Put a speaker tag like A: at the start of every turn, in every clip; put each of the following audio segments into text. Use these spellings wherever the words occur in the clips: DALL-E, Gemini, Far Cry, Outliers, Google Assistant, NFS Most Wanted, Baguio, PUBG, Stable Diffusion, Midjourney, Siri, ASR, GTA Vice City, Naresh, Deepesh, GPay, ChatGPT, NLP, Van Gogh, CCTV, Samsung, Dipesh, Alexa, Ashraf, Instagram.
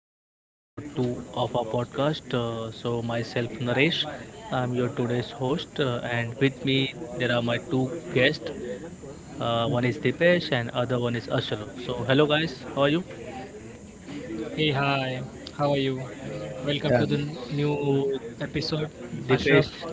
A: to episode 2 of our podcast. Myself Naresh, I'm your today's host, and with me there are my two guests. One is Dipesh and other one is Ashraf. So, hello guys, how are you?
B: Hey, hi, how are you? Welcome to
C: Yeah,
B: the new
A: So,
B: episode,
A: Dipesh,
B: Ashraf.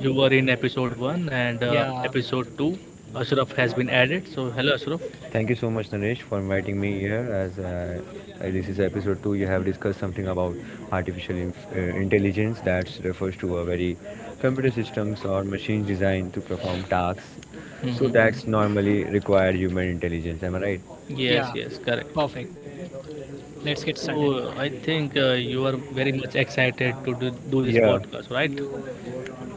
A: you were in episode 1 and
B: Yeah,
A: episode 2, Ashraf has been added. So, hello Ashraf.
C: thank you so much, Naresh, for inviting me here. As This is episode two. You have discussed something about artificial inf- uh, intelligence, that refers to a very computer systems or machines designed to perform tasks. So
A: Hmm
C: that's normally required human intelligence. Am I right?
A: Yes,
B: yeah,
A: yes, correct.
B: perfect. Let's get started.
A: So I think you are very much excited to do this
C: Yeah.
A: podcast, right?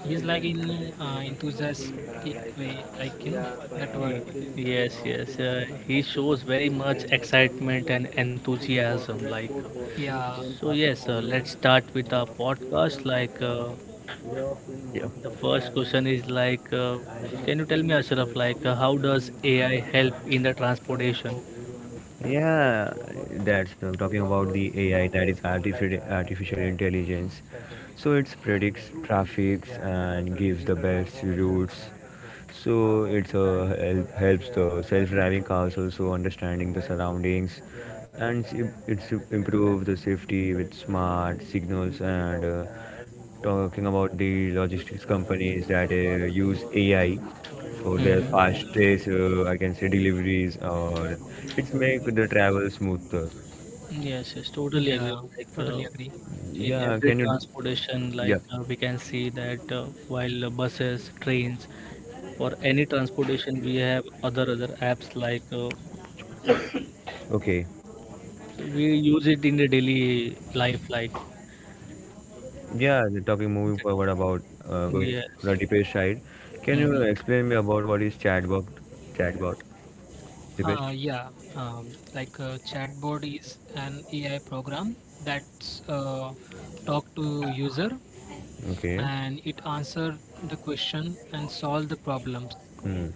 B: He's like in enthusiastic way, like you know that word.
A: Yes, yes. He shows very much excitement and enthusiasm.
B: Yeah,
A: Let's start with our podcast.
C: Yeah.
A: The first question is can you tell me, Ashraf, how does AI help in the transportation?
C: Yeah, that's I'm talking about the AI, that is artificial intelligence. So it predicts traffics and gives the best routes. So it's help, helps the self-driving cars also understanding the surroundings, and it's improve the safety with smart signals, and talking about the logistics companies that use AI for their
A: Mm-hmm.
C: fast trace, I can say deliveries, or it's make the travel smoother.
A: Yes, yes, totally agree.
B: yeah,
A: Like uh,
B: totally agree.
A: in
C: Yeah,
A: every
C: can you?
A: transportation,
C: Yeah,
A: we can see that while buses, trains, or any transportation, we have other apps
C: okay.
A: so we use it in the daily life. Like
C: Yeah, we talking moving forward about, going to the
A: yes.
C: Deepesh side. Can you explain me about what is chatbot? Chatbot, Deepesh.
B: Yeah, like Chatbot is an AI program that's talk to user,
C: Okay.
B: and it answer the question and solve the problems,
C: Hmm.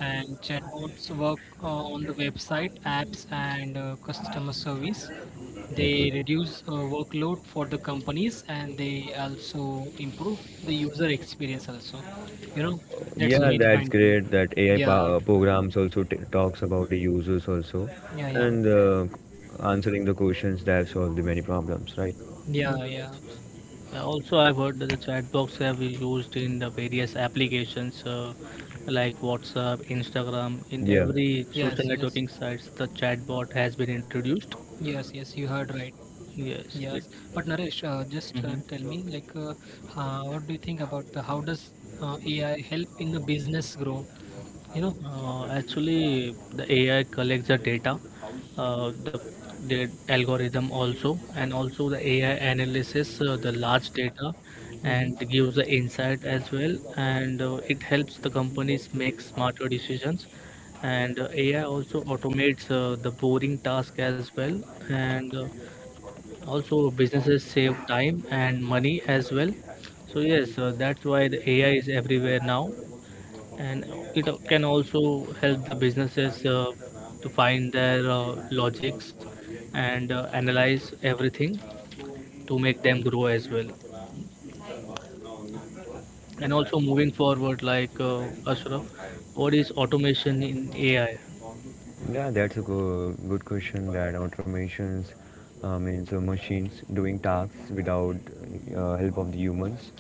B: and chatbots work on the website, apps, and customer service.
C: Okay.
B: They reduce workload for the companies, and they also improve the user experience. Also, you know, that's the
C: Yeah,
B: main
C: that's
A: hmm
B: finding.
C: great. That AI pa-
B: Yeah,
C: uh, programs also talks about the users also,
B: yeah, yeah,
C: and answering the questions that solve the many problems, right?
A: Yeah,
B: yeah,
A: yes,
B: yeah.
A: yes. Yeah, also, I've heard that the chat box have been used in the various applications like WhatsApp, Instagram, in
C: Yeah.
A: every social
B: Yes, yes,
A: networking sites. The chatbot has been introduced.
B: yes, yes. You heard right.
A: Yes, it.
B: Yes, but Naresh, just tell
A: Hmm
B: me, like, what do you think about the how does AI help in the business grow? You know.
A: The AI collects the data, uh, the the algorithm also, and also the AI analyzes the large data
B: Mm-hmm.
A: and gives the insight as well, and it helps the companies make smarter decisions. And AI also automates the boring task as well, and also businesses save time and money as well. So yes, that's why the AI is everywhere now, and it can also help the businesses to find their logics and analyze everything to make them grow as well. And also moving forward, Ashraf, what is automation in AI?
C: Yeah, that's a good question. That automations means machines doing tasks without help of the humans.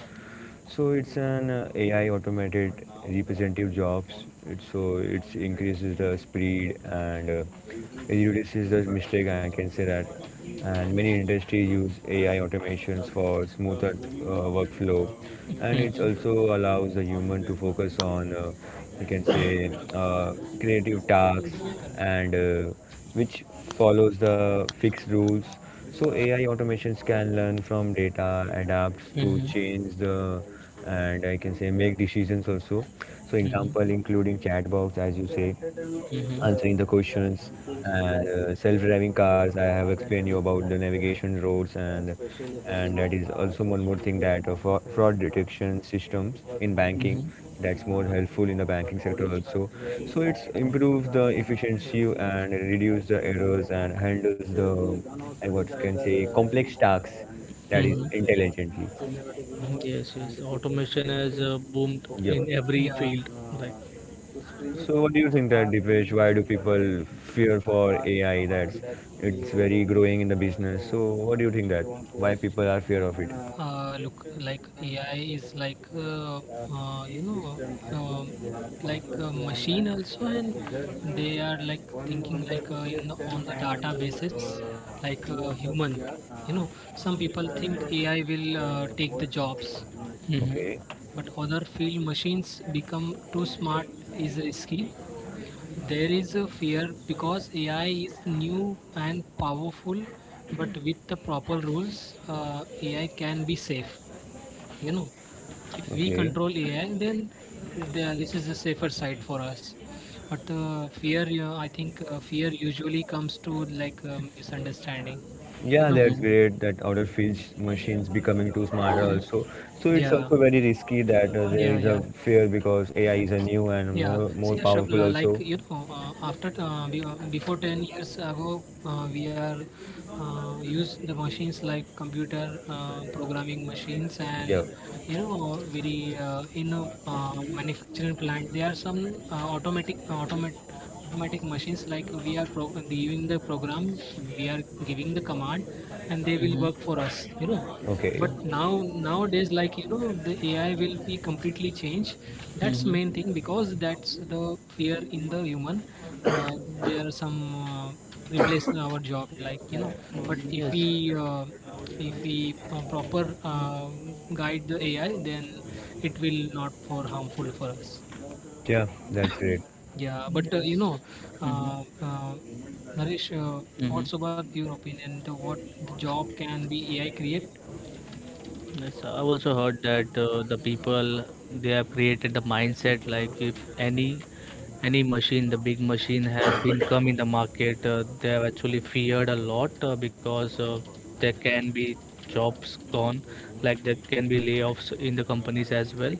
C: So it's an AI automated representative jobs. So it increases the speed, and it reduces the mistake, I can say that. And many industries use AI automations for smoother workflow, and it
A: Mhm,
C: also allows the human to focus on, we can say, creative tasks
B: engineer कर रहे हैं सब
C: and
B: लोग
C: which follows the fixed rules. So AI automations can learn from data, adapts to
A: mhm,
C: change the, and I can say make decisions also. So
A: mhm,
C: example including chat box, as you say, answering the questions, and self-driving cars, I have explained you about the navigation roads. And that is also one more thing, that fraud detection systems in banking.
A: mhm,
C: That's more helpful in the banking sector also. So it's improves the efficiency and reduce the errors, and handles the, I what can say, complex tasks, that is
A: mhm,
C: intelligently.
A: mhm. Yes, yes, automation has boomed
C: Yep.
A: in every
B: Yeah,
A: field. Like
C: So what do you think that, Dipesh, why do people fear for AI, that's it's very growing in the business? So what do you think that why people are fear of it?
B: look, like AI is like uh, you know, um like a machine also, and they are like thinking like in on the data basis, like human. You know, some people think AI will take the jobs,
C: Okay,
A: Mhm,
B: but other feel machines become too smart is risky. There is a fear because AI is new and powerful, but with the proper rules, AI can be safe. You know, if we
C: okay.
B: control AI, then this is a safer side for us. But the fear, I think, fear usually comes to like misunderstanding. You
C: Yeah,
B: know,
C: that's
A: mhm,
C: great, that outer field machines becoming too smarter also. So it's
B: yeah,
C: also very risky, that there
B: yeah,
C: is
B: yeah.
C: a fear because AI is a new and
B: Yeah,
C: more
B: see, Ashraf,
C: powerful
B: like
C: also.
B: you know, after before 10 years ago, we are use the machines like computer programming machines, and
C: Yeah.
B: you know very in a manufacturing plant there are some automatic machines, like we are giving the program, we are giving the command, and they will work for
A: mhm,
B: us. You know,
C: Okay.
B: but now nowadays like you know the AI will be completely changed. That's the main thing, because that's the fear in the human. There are some replace our job, like you know,
A: mhm.
B: but if
A: Yes.
B: we proper guide the AI, then it will not for harmful for us.
C: Yeah, that's great.
B: Yeah, but
A: Mhm,
B: uh, uh, Naresh, what's
A: mhm.
B: about your opinion, the what the job can be AI create?
A: Yes, I also heard that the people, they have created the mindset like if any machine, the big machine has been come in the market, they have actually feared a lot because there can be jobs gone, like there can be layoffs in the companies as well.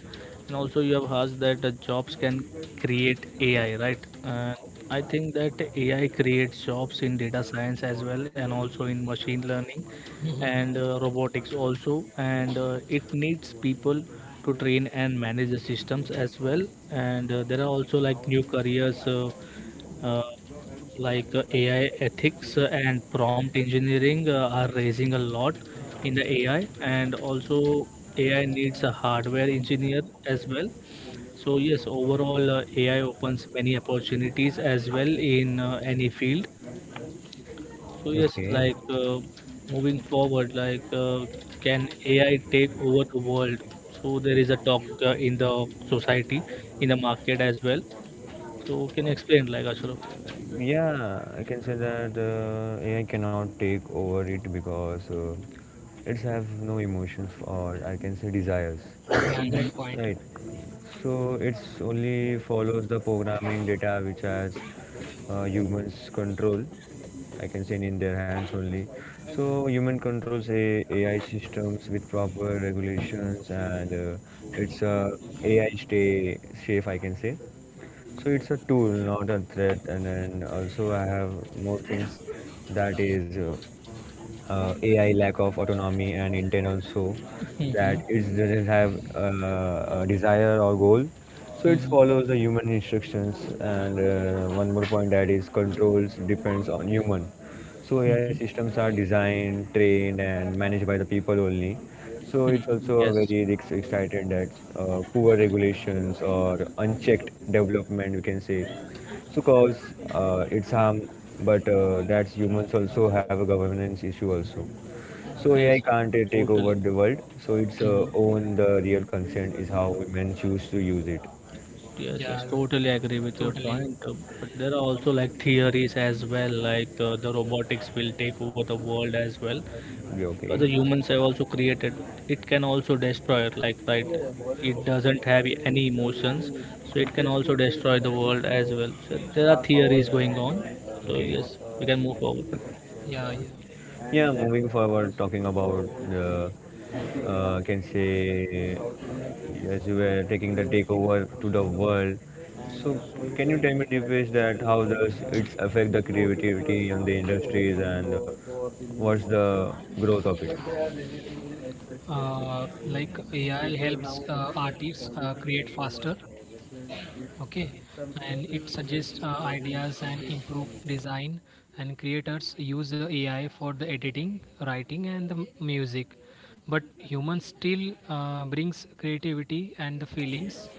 A: And also you have asked that the jobs can create AI, right? I think that AI creates jobs in data science as well and also in machine learning
B: Hmm.
A: and robotics also, and it needs people to train and manage the systems as well. And there are also like new careers, uh, AI ethics and prompt engineering are raising a lot in the AI. And also AI needs a hardware engineer as well. So yes, overall AI opens many opportunities as well in any field. So yes,
C: Okay.
A: moving forward, can AI take over the world? So there is a talk in the society, in the market as well. So can you explain, like, Ashraf?
C: Yeah, I can say that AI cannot take over it, because it's have no emotions, or I can say desires,
B: Yeah,
A: Mm-hmm.
B: great point.
C: right? So it's only follows the programming data, which has humans control, I can say, in their hands only. So human controls a AI systems with proper regulations, and it's a AI stay safe, I can say. So it's a tool, not a threat. And then also I have more things, that is AI lack of autonomy and intent also, that
A: Mm-hmm.
C: it doesn't have a desire or goal. So it follows
A: Mm-hmm.
C: the human instructions. And one more point that is controls depends on human. So AI systems
A: Mm-hmm.
C: are designed, trained, and managed by the people only. So it's
A: Mm-hmm.
C: also a
A: Yes.
C: very excited that poor regulations or unchecked development, we can say. So cause it's harm, but that's humans also have a governance issue also. So
A: Yes.
C: AI can't take over
A: Totally.
C: the world. So it's
A: Mm-hmm.
C: own the real consent is how women choose to use it.
A: Yes, yes,
B: Yeah, yeah,
A: totally agree with your
B: totally.
A: point. But there are also like theories as well, the robotics will take over the world as well.
C: Yeah,
A: Because
C: okay.
A: the humans have also created, it can also destroy, like, right, it doesn't have any emotions, so it can also destroy the world as well, so there are theories going on. So
C: Okay.
A: yes, we can move forward.
B: Yeah, yeah.
C: Yeah, moving forward, talking about the, can say, as you were taking the takeover to the world. So, can you tell me, Dipesh, that how does it affect the creativity on the industries, and what's the growth of it?
B: Like, AI helps artists create faster, okay, and it suggests ideas and improve design. And creators use the AI for the editing, writing, and the music. But humans still brings creativity and the feelings.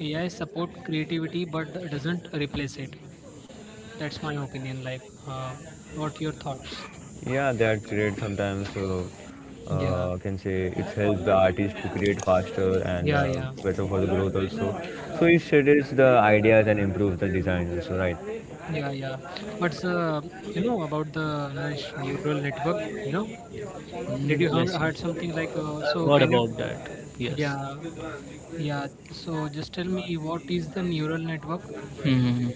B: AI support creativity, but doesn't replace it. That's my opinion. Like, what your thoughts?
C: Yeah, that's great. Sometimes
B: Yeah,
C: can say it helps the artist to create faster, and
B: yeah, yeah.
C: better for the growth also. So it shades the ideas and improves the design also, right?
B: Yeah, yeah. But you know about the another neural network. You know, did
A: Mm,
B: you
A: yes, yes,
B: heard something like?
A: I've
B: So
A: heard
B: can you?
A: about that. Yes.
B: Yeah, yeah. So just tell me, what is the neural network?
A: hmm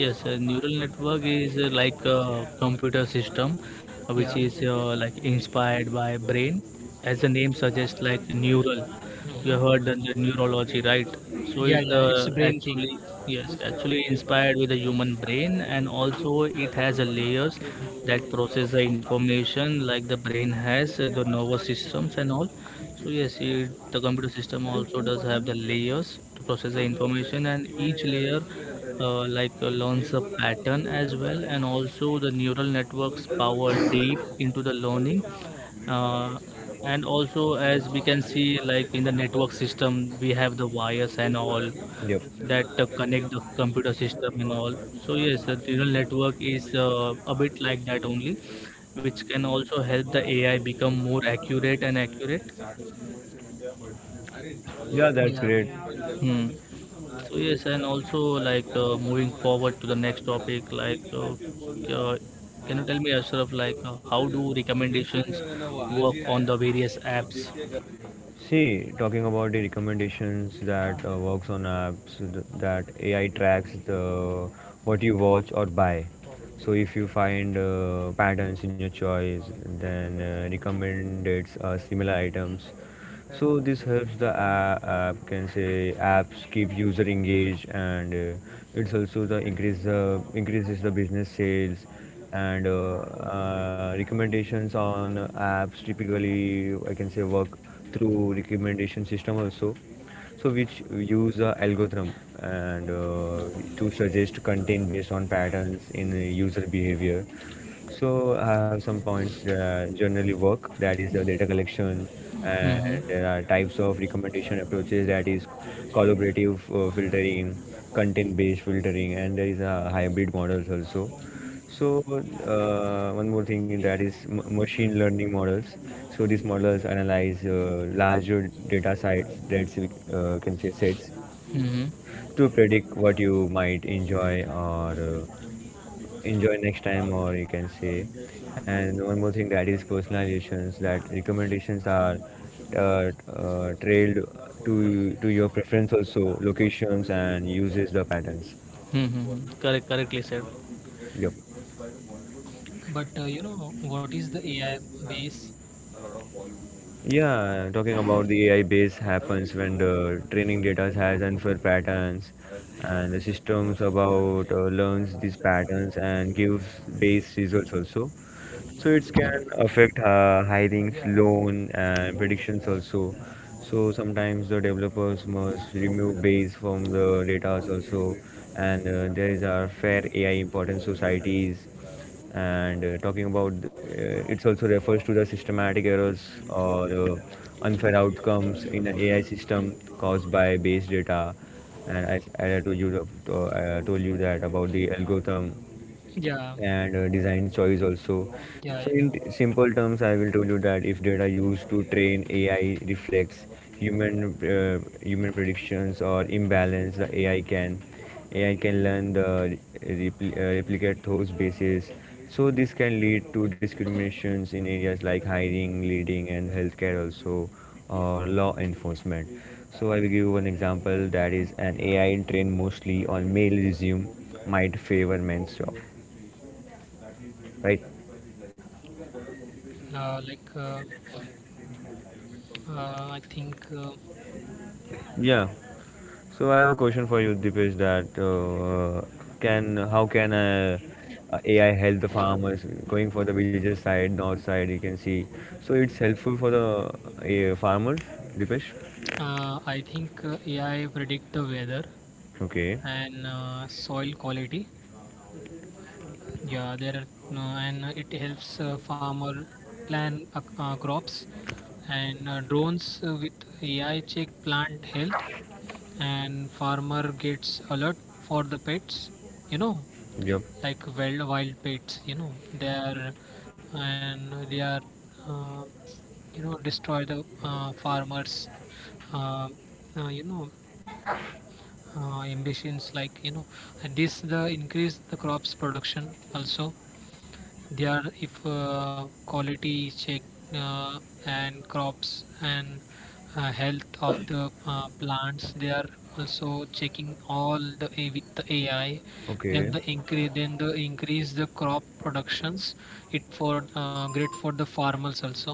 A: Yes, neural network is like a computer system which
B: Yeah.
A: is like inspired by brain, as the name suggests, like neural. You
B: Hmm.
A: have heard the neurology, right? So
B: Yeah,
A: it
B: yeah. It's
A: uh,
B: a brain thing.
A: actually, yes, actually inspired with the human brain, and also it has a layers that process the information like the brain has, the nervous systems and all. So yes, the computer system also does have the layers to process the information, and each layer learns a pattern as well, and also the neural networks power deep into the learning. Uh, and also, as we can see, like in the network system, we have the wires and all,
C: Yep.
A: that connect the computer system and all. So yes, the neural network is a bit like that only, which can also help the AI become more accurate and accurate.
C: Yeah, that's
B: Yeah.
C: great.
A: Hmm. So yes, and also moving forward to the next topic, uh, can you tell me, Ashraf, how do recommendations work on the various apps?
C: See, talking about the recommendations that works on apps that AI tracks the what you watch or buy. So if you find patterns in your choice, then recommends us similar items. So this helps the app, can say apps keep user engaged, and it's also the increases the business sales. And recommendations on apps typically, I can say, work through recommendation system also. So which use a algorithm, and to suggest content based on patterns in user behavior. So I have some points that are generally work, that is data collection, and
A: Mm-hmm.
C: there are types of recommendation approaches, that is collaborative filtering, content-based filtering, and there is a hybrid models also. So one more thing that is machine learning models. So these models analyze larger data sets, that's can say sets,
A: Mm-hmm.
C: to predict what you might enjoy, or enjoy next time, or you can say. And one more thing that is personalizations, that recommendations are trailed to your preference, also locations and uses the patterns.
A: Mm-hmm. Correct, correctly said.
C: Yep.
B: But you know what is the AI base?
C: Yeah, talking about the AI base happens when the training data has unfair patterns, and the systems about learns these patterns and gives base results also. So it can affect hiring, loan and predictions also. So sometimes the developers must remove base from the data also. And there is our fair AI important societies. And talking about it's also refers to the systematic errors, or unfair outcomes in an AI system caused by base data. And I told you that about the algorithm,
B: Yeah,
C: and design choice also. So
B: yeah,
C: in
B: yeah.
C: simple terms, I will tell you that if data used to train AI reflects human predictions or imbalance, the AI can learn the replicate those bases. So this can lead to discriminations in areas like hiring, leading, and healthcare also, or law enforcement. So I will give you one example, that is an AI trained mostly on male resume might favor men's job, right?
B: Uh, like uh, uh, I think uh,
C: Yeah. So I have a question for you, Dipesh. That can how can AI help the farmers going for the villages side, north side, you can see? So it's helpful for the farmers, Dipesh.
B: uh, I think AI predict the weather
C: Okay.
B: and soil quality. Yeah, there are no, and it helps farmer plan crops, and drones with AI check plant health, and farmer gets alert for the pets, you know,
C: Yep.
B: like wild wild pets, you know, they are, and they are, uh, you know, destroy the farmers uh, uh, you know ambitions, like you know. And this the increase the crops production also. They are if quality check uh, and crops and health of the plants. They are also checking all the with the AI. Then
C: Okay.
B: the increase, then the increase the crop productions. It for great for the farmers also.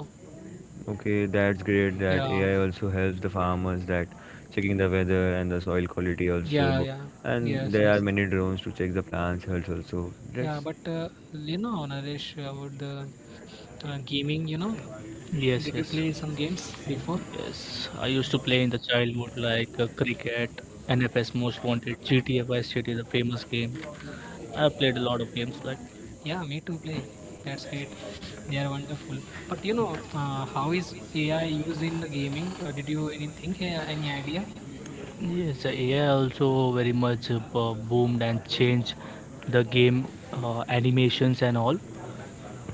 C: Okay. That's great. That
B: Yeah,
C: AI also helps the farmers, that checking the weather and the soil quality
B: yeah,
C: also.
B: yeah.
C: And
B: Yes,
C: there are
B: yes.
C: many drones to check the plants health also.
B: Yeah,
C: That's.
B: but you know, Naresh, about the gaming, you know, did
A: Yes,
B: you
A: yes,
B: play some games before?
A: yes. I used to play in the childhood cricket, NFS Most Wanted, GTA Vice City, the famous game. I played a lot of games like,
B: Yeah, me too, play. That's great. They are wonderful. But you know, how is AI used in the gaming? Did you anything, any idea?
A: yes, AI also very much boomed and changed the game animations and all.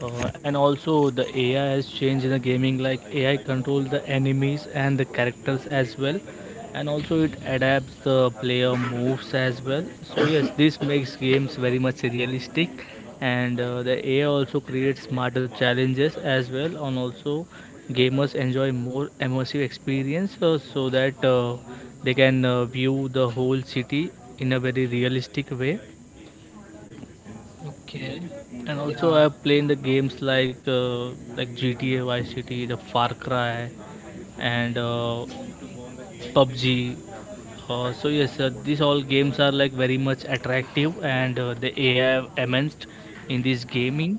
A: And also the AI has changed in the gaming, like AI control the enemies and the characters as well, and also it adapts the player moves as well. So yes, this makes games very much realistic, and the AI also creates smarter challenges as well, and also gamers enjoy more immersive experience so that they can view the whole city in a very realistic way.
B: Okay.
A: And also,
B: Yeah.
A: I have played the games like GTA Vice City, the Far Cry, and PUBG. These all games are like very much attractive, and the AI enhanced in this gaming,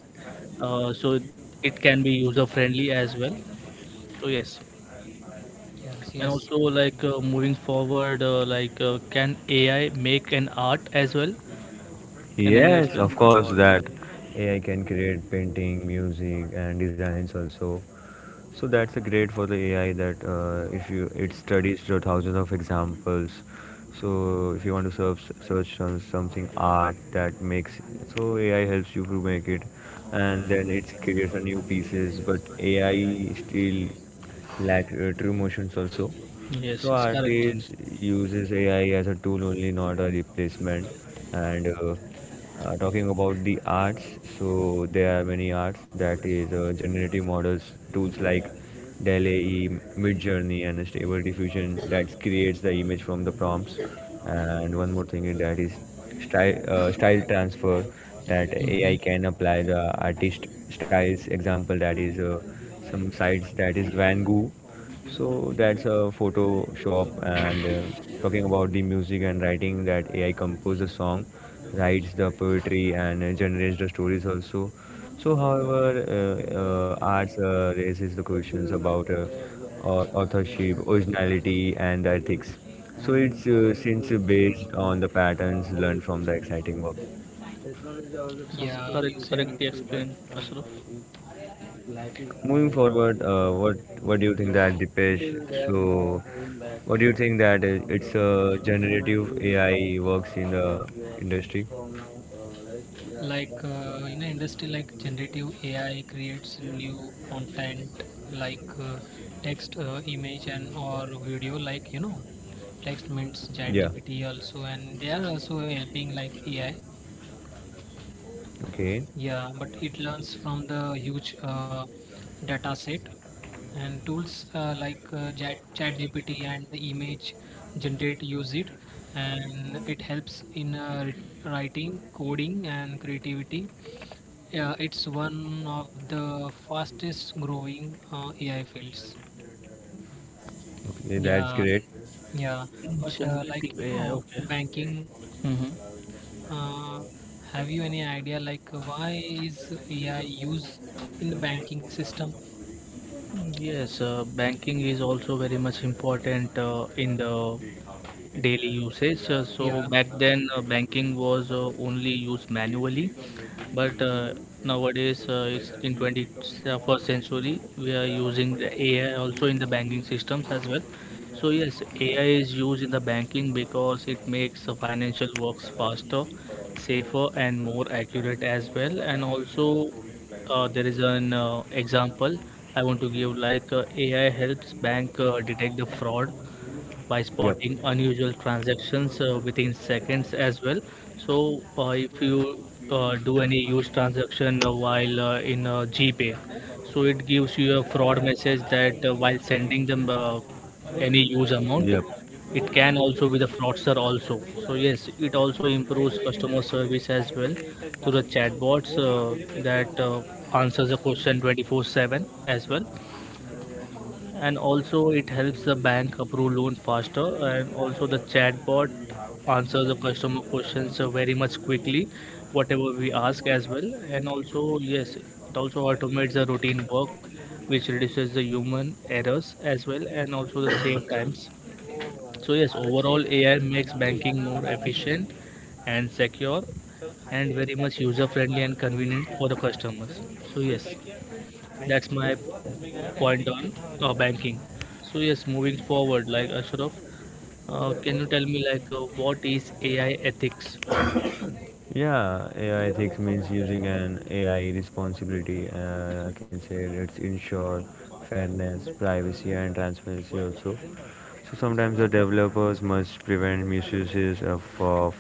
A: so it can be user friendly as well. So yes,
B: Yes.
A: and
B: Yes.
A: also moving forward, can AI make an art as well? Can anyone
C: Yes,
A: explain?
C: of course that AI can create painting, music, and designs also. So that's a great for the AI, that if you it studies the thousands of examples. So if you want to search on something art that makes, so AI helps you to make it, and then it creates a new pieces. But AI still lack true motions also.
A: Yes,
C: So
A: yes, correct.
C: artists uses AI as a tool only, not a replacement. And talking about the arts, so there are many arts, that is generative models, tools like DALL-E, Midjourney, and Stable Diffusion, that creates the image from the prompts. And one more thing is that is style transfer, that
A: Mhm.
C: AI can apply the artist styles. Example that is some sites that is Van Gogh. So that's a photo shop. And talking about the music and writing, that AI composes the song, writes the poetry, and generates the stories also. So however, arts raises the questions about authorship, originality and ethics. So it's since based on the patterns learned from the exciting work.
B: Yeah.
A: Correct,
B: You
A: this
B: said right.
A: correctly country explained, and Ashraf.
C: Moving forward, what do you think that, Dipesh? So what do you think that it's a generative AI works in the industry?
B: Like, in an industry like generative AI creates new content like text, image, and or video. Like you know, text means
C: Yeah.
B: ChatGPT also, and they are also helping like AI.
C: Okay.
B: Yeah, but it learns from the huge data set and tools like ChatGPT and the image generate use it, and it helps in writing, coding, and creativity. Yeah, it's one of the fastest growing AI fields.
C: Okay, that's
B: Yeah,
C: great.
B: yeah,
A: It,
B: but like
A: Generative
B: you
A: AI,
B: know,
A: okay.
B: banking.
A: Mm-hmm.
B: Uh, have you any idea like why is AI used in the banking system?
A: Yes, banking is also very much important in the daily usage. Uh,
B: Yeah,
A: so back then, banking was only used manually, but nowadays, it's in 21st century, we are using the AI also in the banking systems as well. So yes, AI is used in the banking because it makes the financial works faster, safer, and more accurate as well. And also, there is an example I want to give, AI helps bank detect the fraud by
C: Yep.
A: spotting unusual transactions within seconds as well. So if you do any huge transaction while in GPay, so it gives you a fraud message that while sending them any huge amount,
C: Yep.
A: it can also be the fraudster also. So yes, it also improves customer service as well through the chatbots that answers the question 24/7 as well. And also it helps the bank approve loan faster, and also the chatbot answers the customer questions very much quickly whatever we ask as well. And also yes, it also automates the routine work, which reduces the human errors as well, and also the save times. So yes, overall AI makes banking more efficient and secure, and very much user friendly and convenient for the customers. So yes, that's my point on banking. So yes, moving forward, like Ashraf, can you tell me what is AI ethics?
C: Yeah, AI ethics means using an AI responsibility. I can say it's ensure fairness, privacy, and transparency also. So sometimes the developers must prevent misuses of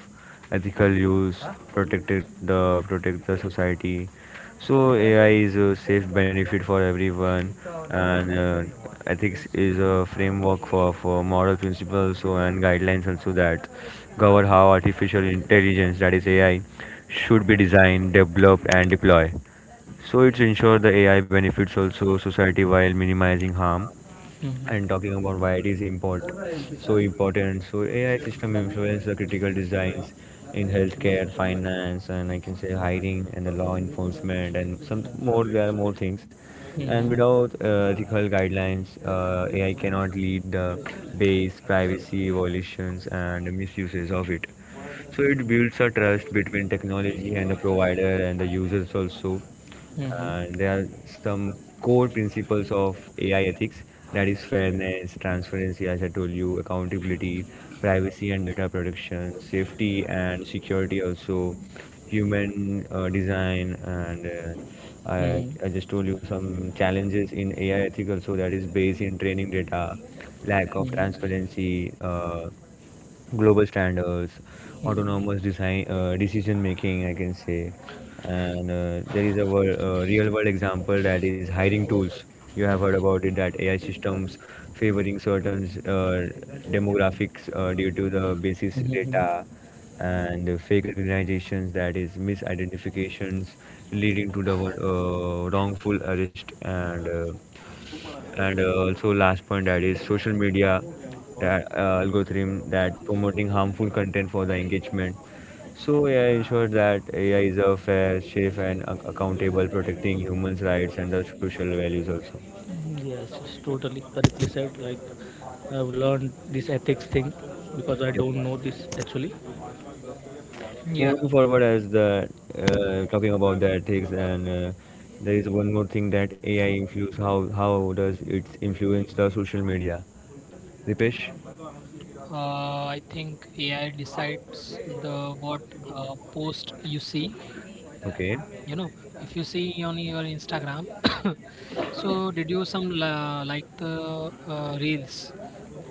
C: ethical use, protect it, the protect the society. So AI is a safe benefit for everyone. And ethics is a framework for moral principles so, and guidelines also, that govern how artificial intelligence, that is AI, should be designed, developed, and deployed. So it's ensure the AI benefits also society while minimizing harm. And
A: Mm-hmm.
C: talking about why it is import, so important. So AI system influence the critical designs in healthcare, finance, and I can say hiring and the law enforcement, and some more, there are more things. And
A: Mm-hmm.
C: without ethical guidelines, AI cannot lead the base privacy violations and misuses of it. So it builds a trust between technology and the provider and the users also.
A: Mm-hmm.
C: And there are some core principles of AI ethics, that is fairness, transparency, as I told you, accountability, privacy and data protection, safety and security also, human design, and I
A: Mm-hmm.
C: just told you some challenges in AI ethical. So that is based in training data, lack of transparency, global standards,
A: Mm-hmm.
C: autonomous design decision making, I can say. And there is a real world example, that is hiring tools. You have heard about it that AI systems favoring certain demographics due to the basis data,
A: Mm-hmm.
C: and fake organizations, that is misidentifications leading to the wrongful arrest, and also last point, that is social media, that algorithm that promoting harmful content for the engagement. So AI ensures that AI is a fair, safe, and accountable, protecting humans' rights and the social values also.
A: Yes, it's totally correctly said. Like, I've learned this ethics thing because I don't
C: Yep.
A: know this actually.
B: yeah.
C: Moving forward, as the talking about the ethics, and there is one more thing that AI influence. How does it influence the social media? Dipesh?
B: I think AI decides the what post you see.
C: Okay.
B: You know, if you see on your Instagram, so did you some like the reels?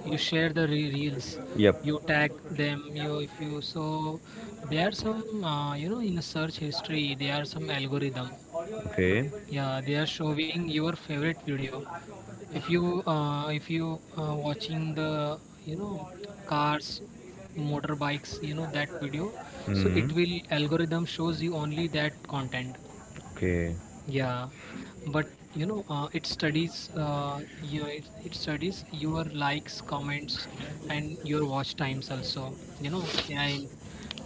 B: You share the reels,
C: Yep.
B: you tag them. You, if you, so there are some you know, in the search history there are some algorithm.
C: Okay.
B: Yeah, they are showing your favorite video. If you watching the, you know, cars, motorbikes, you know, that video, so
C: Hmm.
B: it will algorithm shows you only that content.
C: Okay.
B: Yeah, but you know it studies you it, it studies your likes, comments, and your watch times also. You know, AI,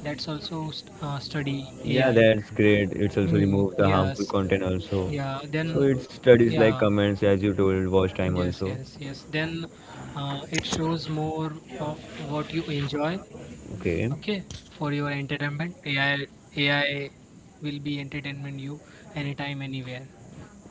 B: that's also study
C: Yeah,
B: AI.
C: that's great. It's also
B: Hmm.
C: remove the harmful
B: Yes.
C: content also.
B: Yeah.
C: So
B: Then.
C: it studies like
B: Yeah.
C: comments, as you told, watch time
B: Yes,
C: also.
B: yes, yes. Then it shows more of what you enjoy,
C: Okay.
B: okay, for your entertainment. AI will be entertainment you anytime, anywhere.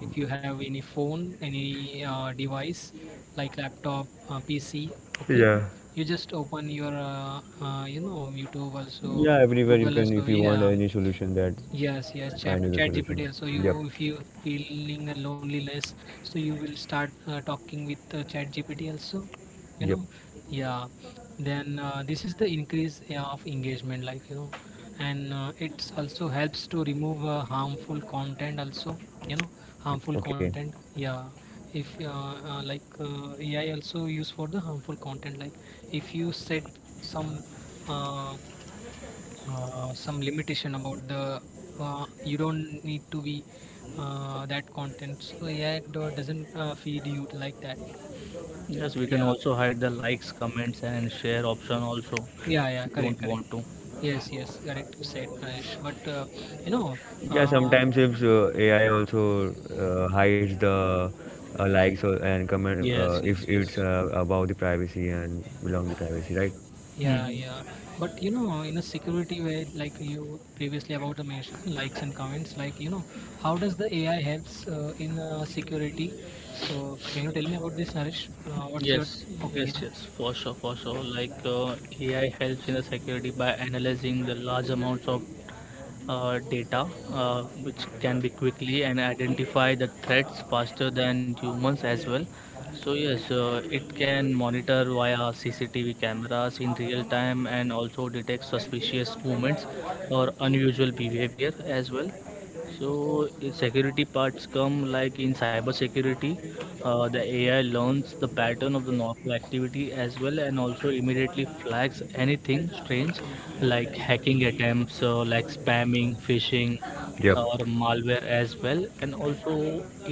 B: If you have any phone, any device like laptop, PC, okay, you just open your, you know, YouTube also,
C: Yeah, everywhere you
B: Google
C: can,
B: also.
C: if you want
B: Yeah.
C: any solution that
B: Yes, yes,
C: find you the
B: chat GPT
C: solution.
B: also.
C: Yep.
B: You, if you feeling a loneliness, so you will start talking with chat GPT also. You
C: Yep.
B: know, yeah. Then this is the increase of engagement, like you know, and it's also helps to remove harmful content also. You know, harmful
C: Okay.
B: content. Yeah, if like AI also used for the harmful content, like if you set some. Uh, some limitation about the you don't need to be that content, so yeah, it doesn't feed you like that.
A: Yes, we can
B: Yeah,
A: also hide the likes, comments, and share option also,
B: yeah,
A: if
B: yeah,
A: you
B: correct,
A: don't
B: correct.
A: want to.
B: Yes, yes, correct, you said, Naresh. But you know
C: Yeah,
B: uh,
C: sometimes if AI also hides the likes or, and comment
A: Yes, yes,
C: if
A: yes.
C: it's about the privacy and belong to privacy, right?
B: yeah, yeah.
A: Mm-hmm.
B: But you know, in a security way, like you previously about the mention likes and comments, like you know, how does the AI helps in security, so can you tell me about this, Naresh? What's your
A: Yes, yes,
B: opinion?
A: yes, for sure, for sure. AI helps in the security by analyzing the large amounts of data, which can be quickly and identify the threats faster than humans as well. So yes, it can monitor via CCTV cameras in real time and also detect suspicious movements or unusual behavior as well. So security parts come like in cyber security, the AI learns the pattern of the normal activity as well, and also immediately flags anything strange like hacking attempts, like spamming, phishing,
C: Yep.
A: or malware as well. And also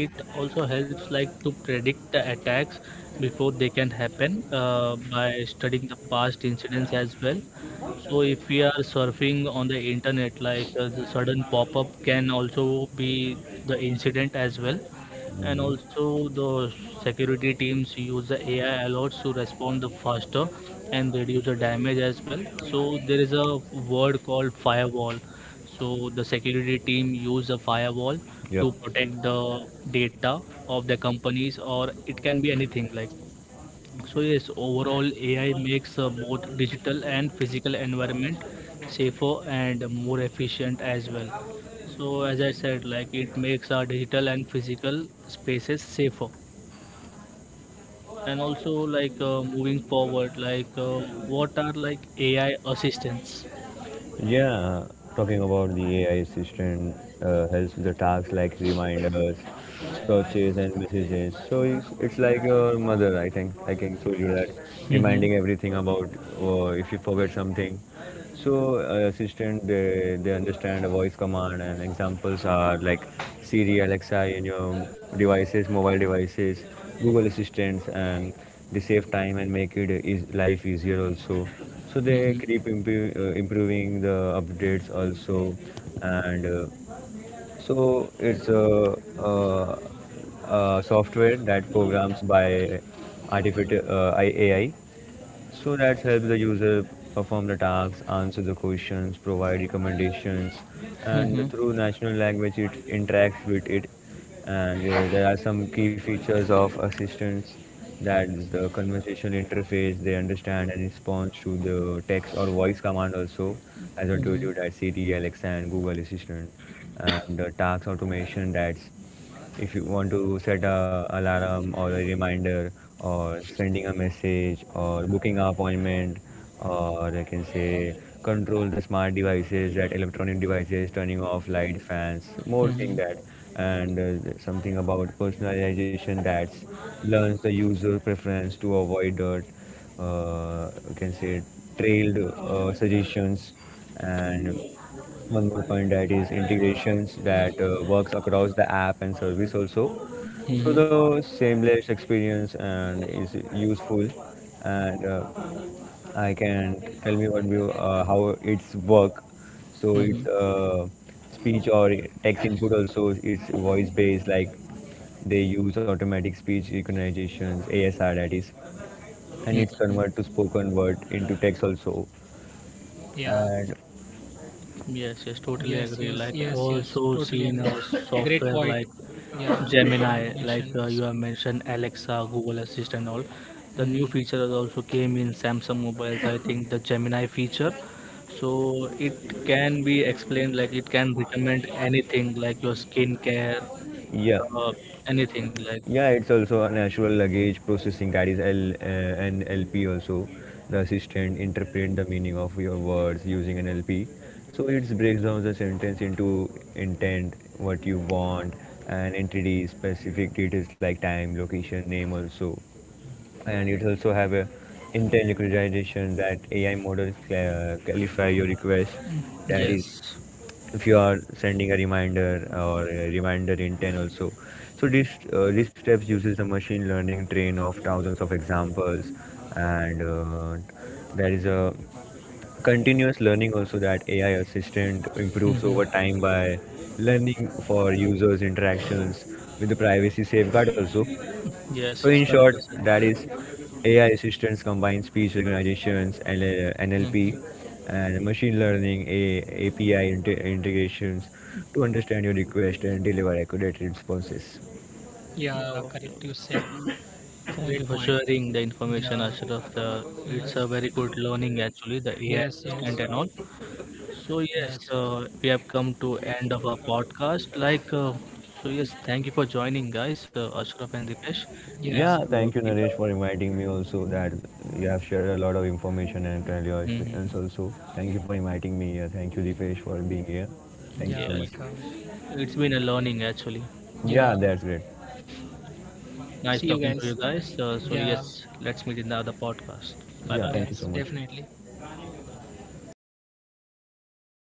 A: it also helps like to predict the attacks before they can happen by studying the past incidents as well. So if we are surfing on the internet, the sudden pop-up can also be the incident as well. And
C: Hmm.
A: also the security teams use the AI a lot to respond the faster and reduce the damage as well. So there is a word called firewall. So the security team use a firewall to
C: Yep.
A: protect the data of the companies, or it can be anything like. So yes, overall AI makes both digital and physical environment safer and more efficient as well. So as I said, like it makes our digital and physical spaces safer. And also moving forward, what are like AI assistants?
C: Yeah, talking about the AI assistant, helps with the tasks like reminders, searches, and messages. So it's like your mother, I think. I can show you that,
A: Mm-hmm.
C: reminding everything about if you forget something. So assistant, they understand a voice command, and examples are like Siri, Alexa in your devices, mobile devices, Google assistants, and they save time and make it is life easier also. So they keep
A: Mm-hmm.
C: improving the updates also. And so it's a, uh software that programs by artificial AI, so that helps the user perform the tasks, answer the questions, provide recommendations, and through
A: Mm-hmm.
C: natural language it interacts with it. And there are some key features of assistants, that is the conversational interface. They understand and respond to the text or voice command also, as I told you, that Siri, Alexa, and Google Assistant. And the task automation, that's if you want to set a alarm or a reminder, or sending a message or booking an appointment, or I can say control the smart devices, that electronic devices turning off light fans, more thing
A: Mm-hmm.
C: that, and something about personalization, that learns the user preference to avoid you can say trailed suggestions. And one more point, that is integrations, that works across the app and service also, so
A: Mm-hmm.
C: the seamless experience and is useful. And I can tell me, how it's work. So it's
A: Mm-hmm.
C: speech or text input also, it's voice based, like they use automatic speech recognitions, ASR, that is, and it's convert to
A: Mm-hmm.
C: spoken word into text also.
B: Yeah.
C: And
A: Yes, yes, totally
B: Yes,
A: agree.
B: yes,
A: Like, I've
B: yes, yes.
A: also
B: Totally
A: seen
B: agree.
A: a
B: Great
A: software
B: point.
A: like
B: Yeah, great point
A: Gemini,
B: mentions.
A: you have mentioned Alexa, Google Assistant, all. The
B: Mm,
A: new feature has also came in Samsung mobiles. I think the Gemini feature, so it can be explained like it can recommend anything like your skincare,
C: yeah.
A: uh, anything like.
C: Yeah, it's also a natural luggage processing, that is L an LP also. The assistant interpret the meaning of your words using an LP. So it breaks down the sentence into intent, what you want, and entity specific details like time, location, name also. And it also have a intent recognition that AI models clarify your request. That is
A: Yes.
C: if you are sending a reminder or a reminder in 10 also. So this steps uses the machine learning train of thousands of examples. And there is a continuous learning also, that AI assistant improves over
A: hmm
C: time by learning for users interactions with the privacy safeguard also.
A: yes,
C: So in short,
A: it's
C: that
A: correct.
C: is AI assistants combine speech recognitions, LL
A: Yes.
C: NLP,
A: Mhm.
C: and machine learning API integrations to understand your request and deliver accurate responses.
B: yeah, correct, you
A: Okay.
B: said.
A: Thank
B: Great
A: you for
B: point.
A: sharing the
B: Yeah.
A: information, Ashraf. The,
B: Yes,
A: it's a very good learning actually, the AI
B: yes, yes,
A: assistant and all. So yes,
B: yes. Yes.
A: we have come to end of our podcast. So yes, thank you for joining, guys, Ashraf and Dipesh.
B: Yeah,
A: It's
C: Yeah, thank you
A: been
C: Naresh for inviting me also, that you have shared a lot of information and tell your
A: a, mhm,
C: experience also. Thank you for inviting me here. Thank you Dipesh for being here. Thank
B: yeah.
C: you so
A: yes,
C: much.
B: Welcome.
A: it's been a learning actually.
B: Yeah.
C: Yeah, that's great.
A: Nice
B: See you
A: talking to
B: guys.
A: you guys. Uh, so
B: Yeah.
A: yes, let's meet in the other podcast. Bye
C: Yeah,
A: bye.
C: thank you
B: Yes,
C: so much.
B: definitely.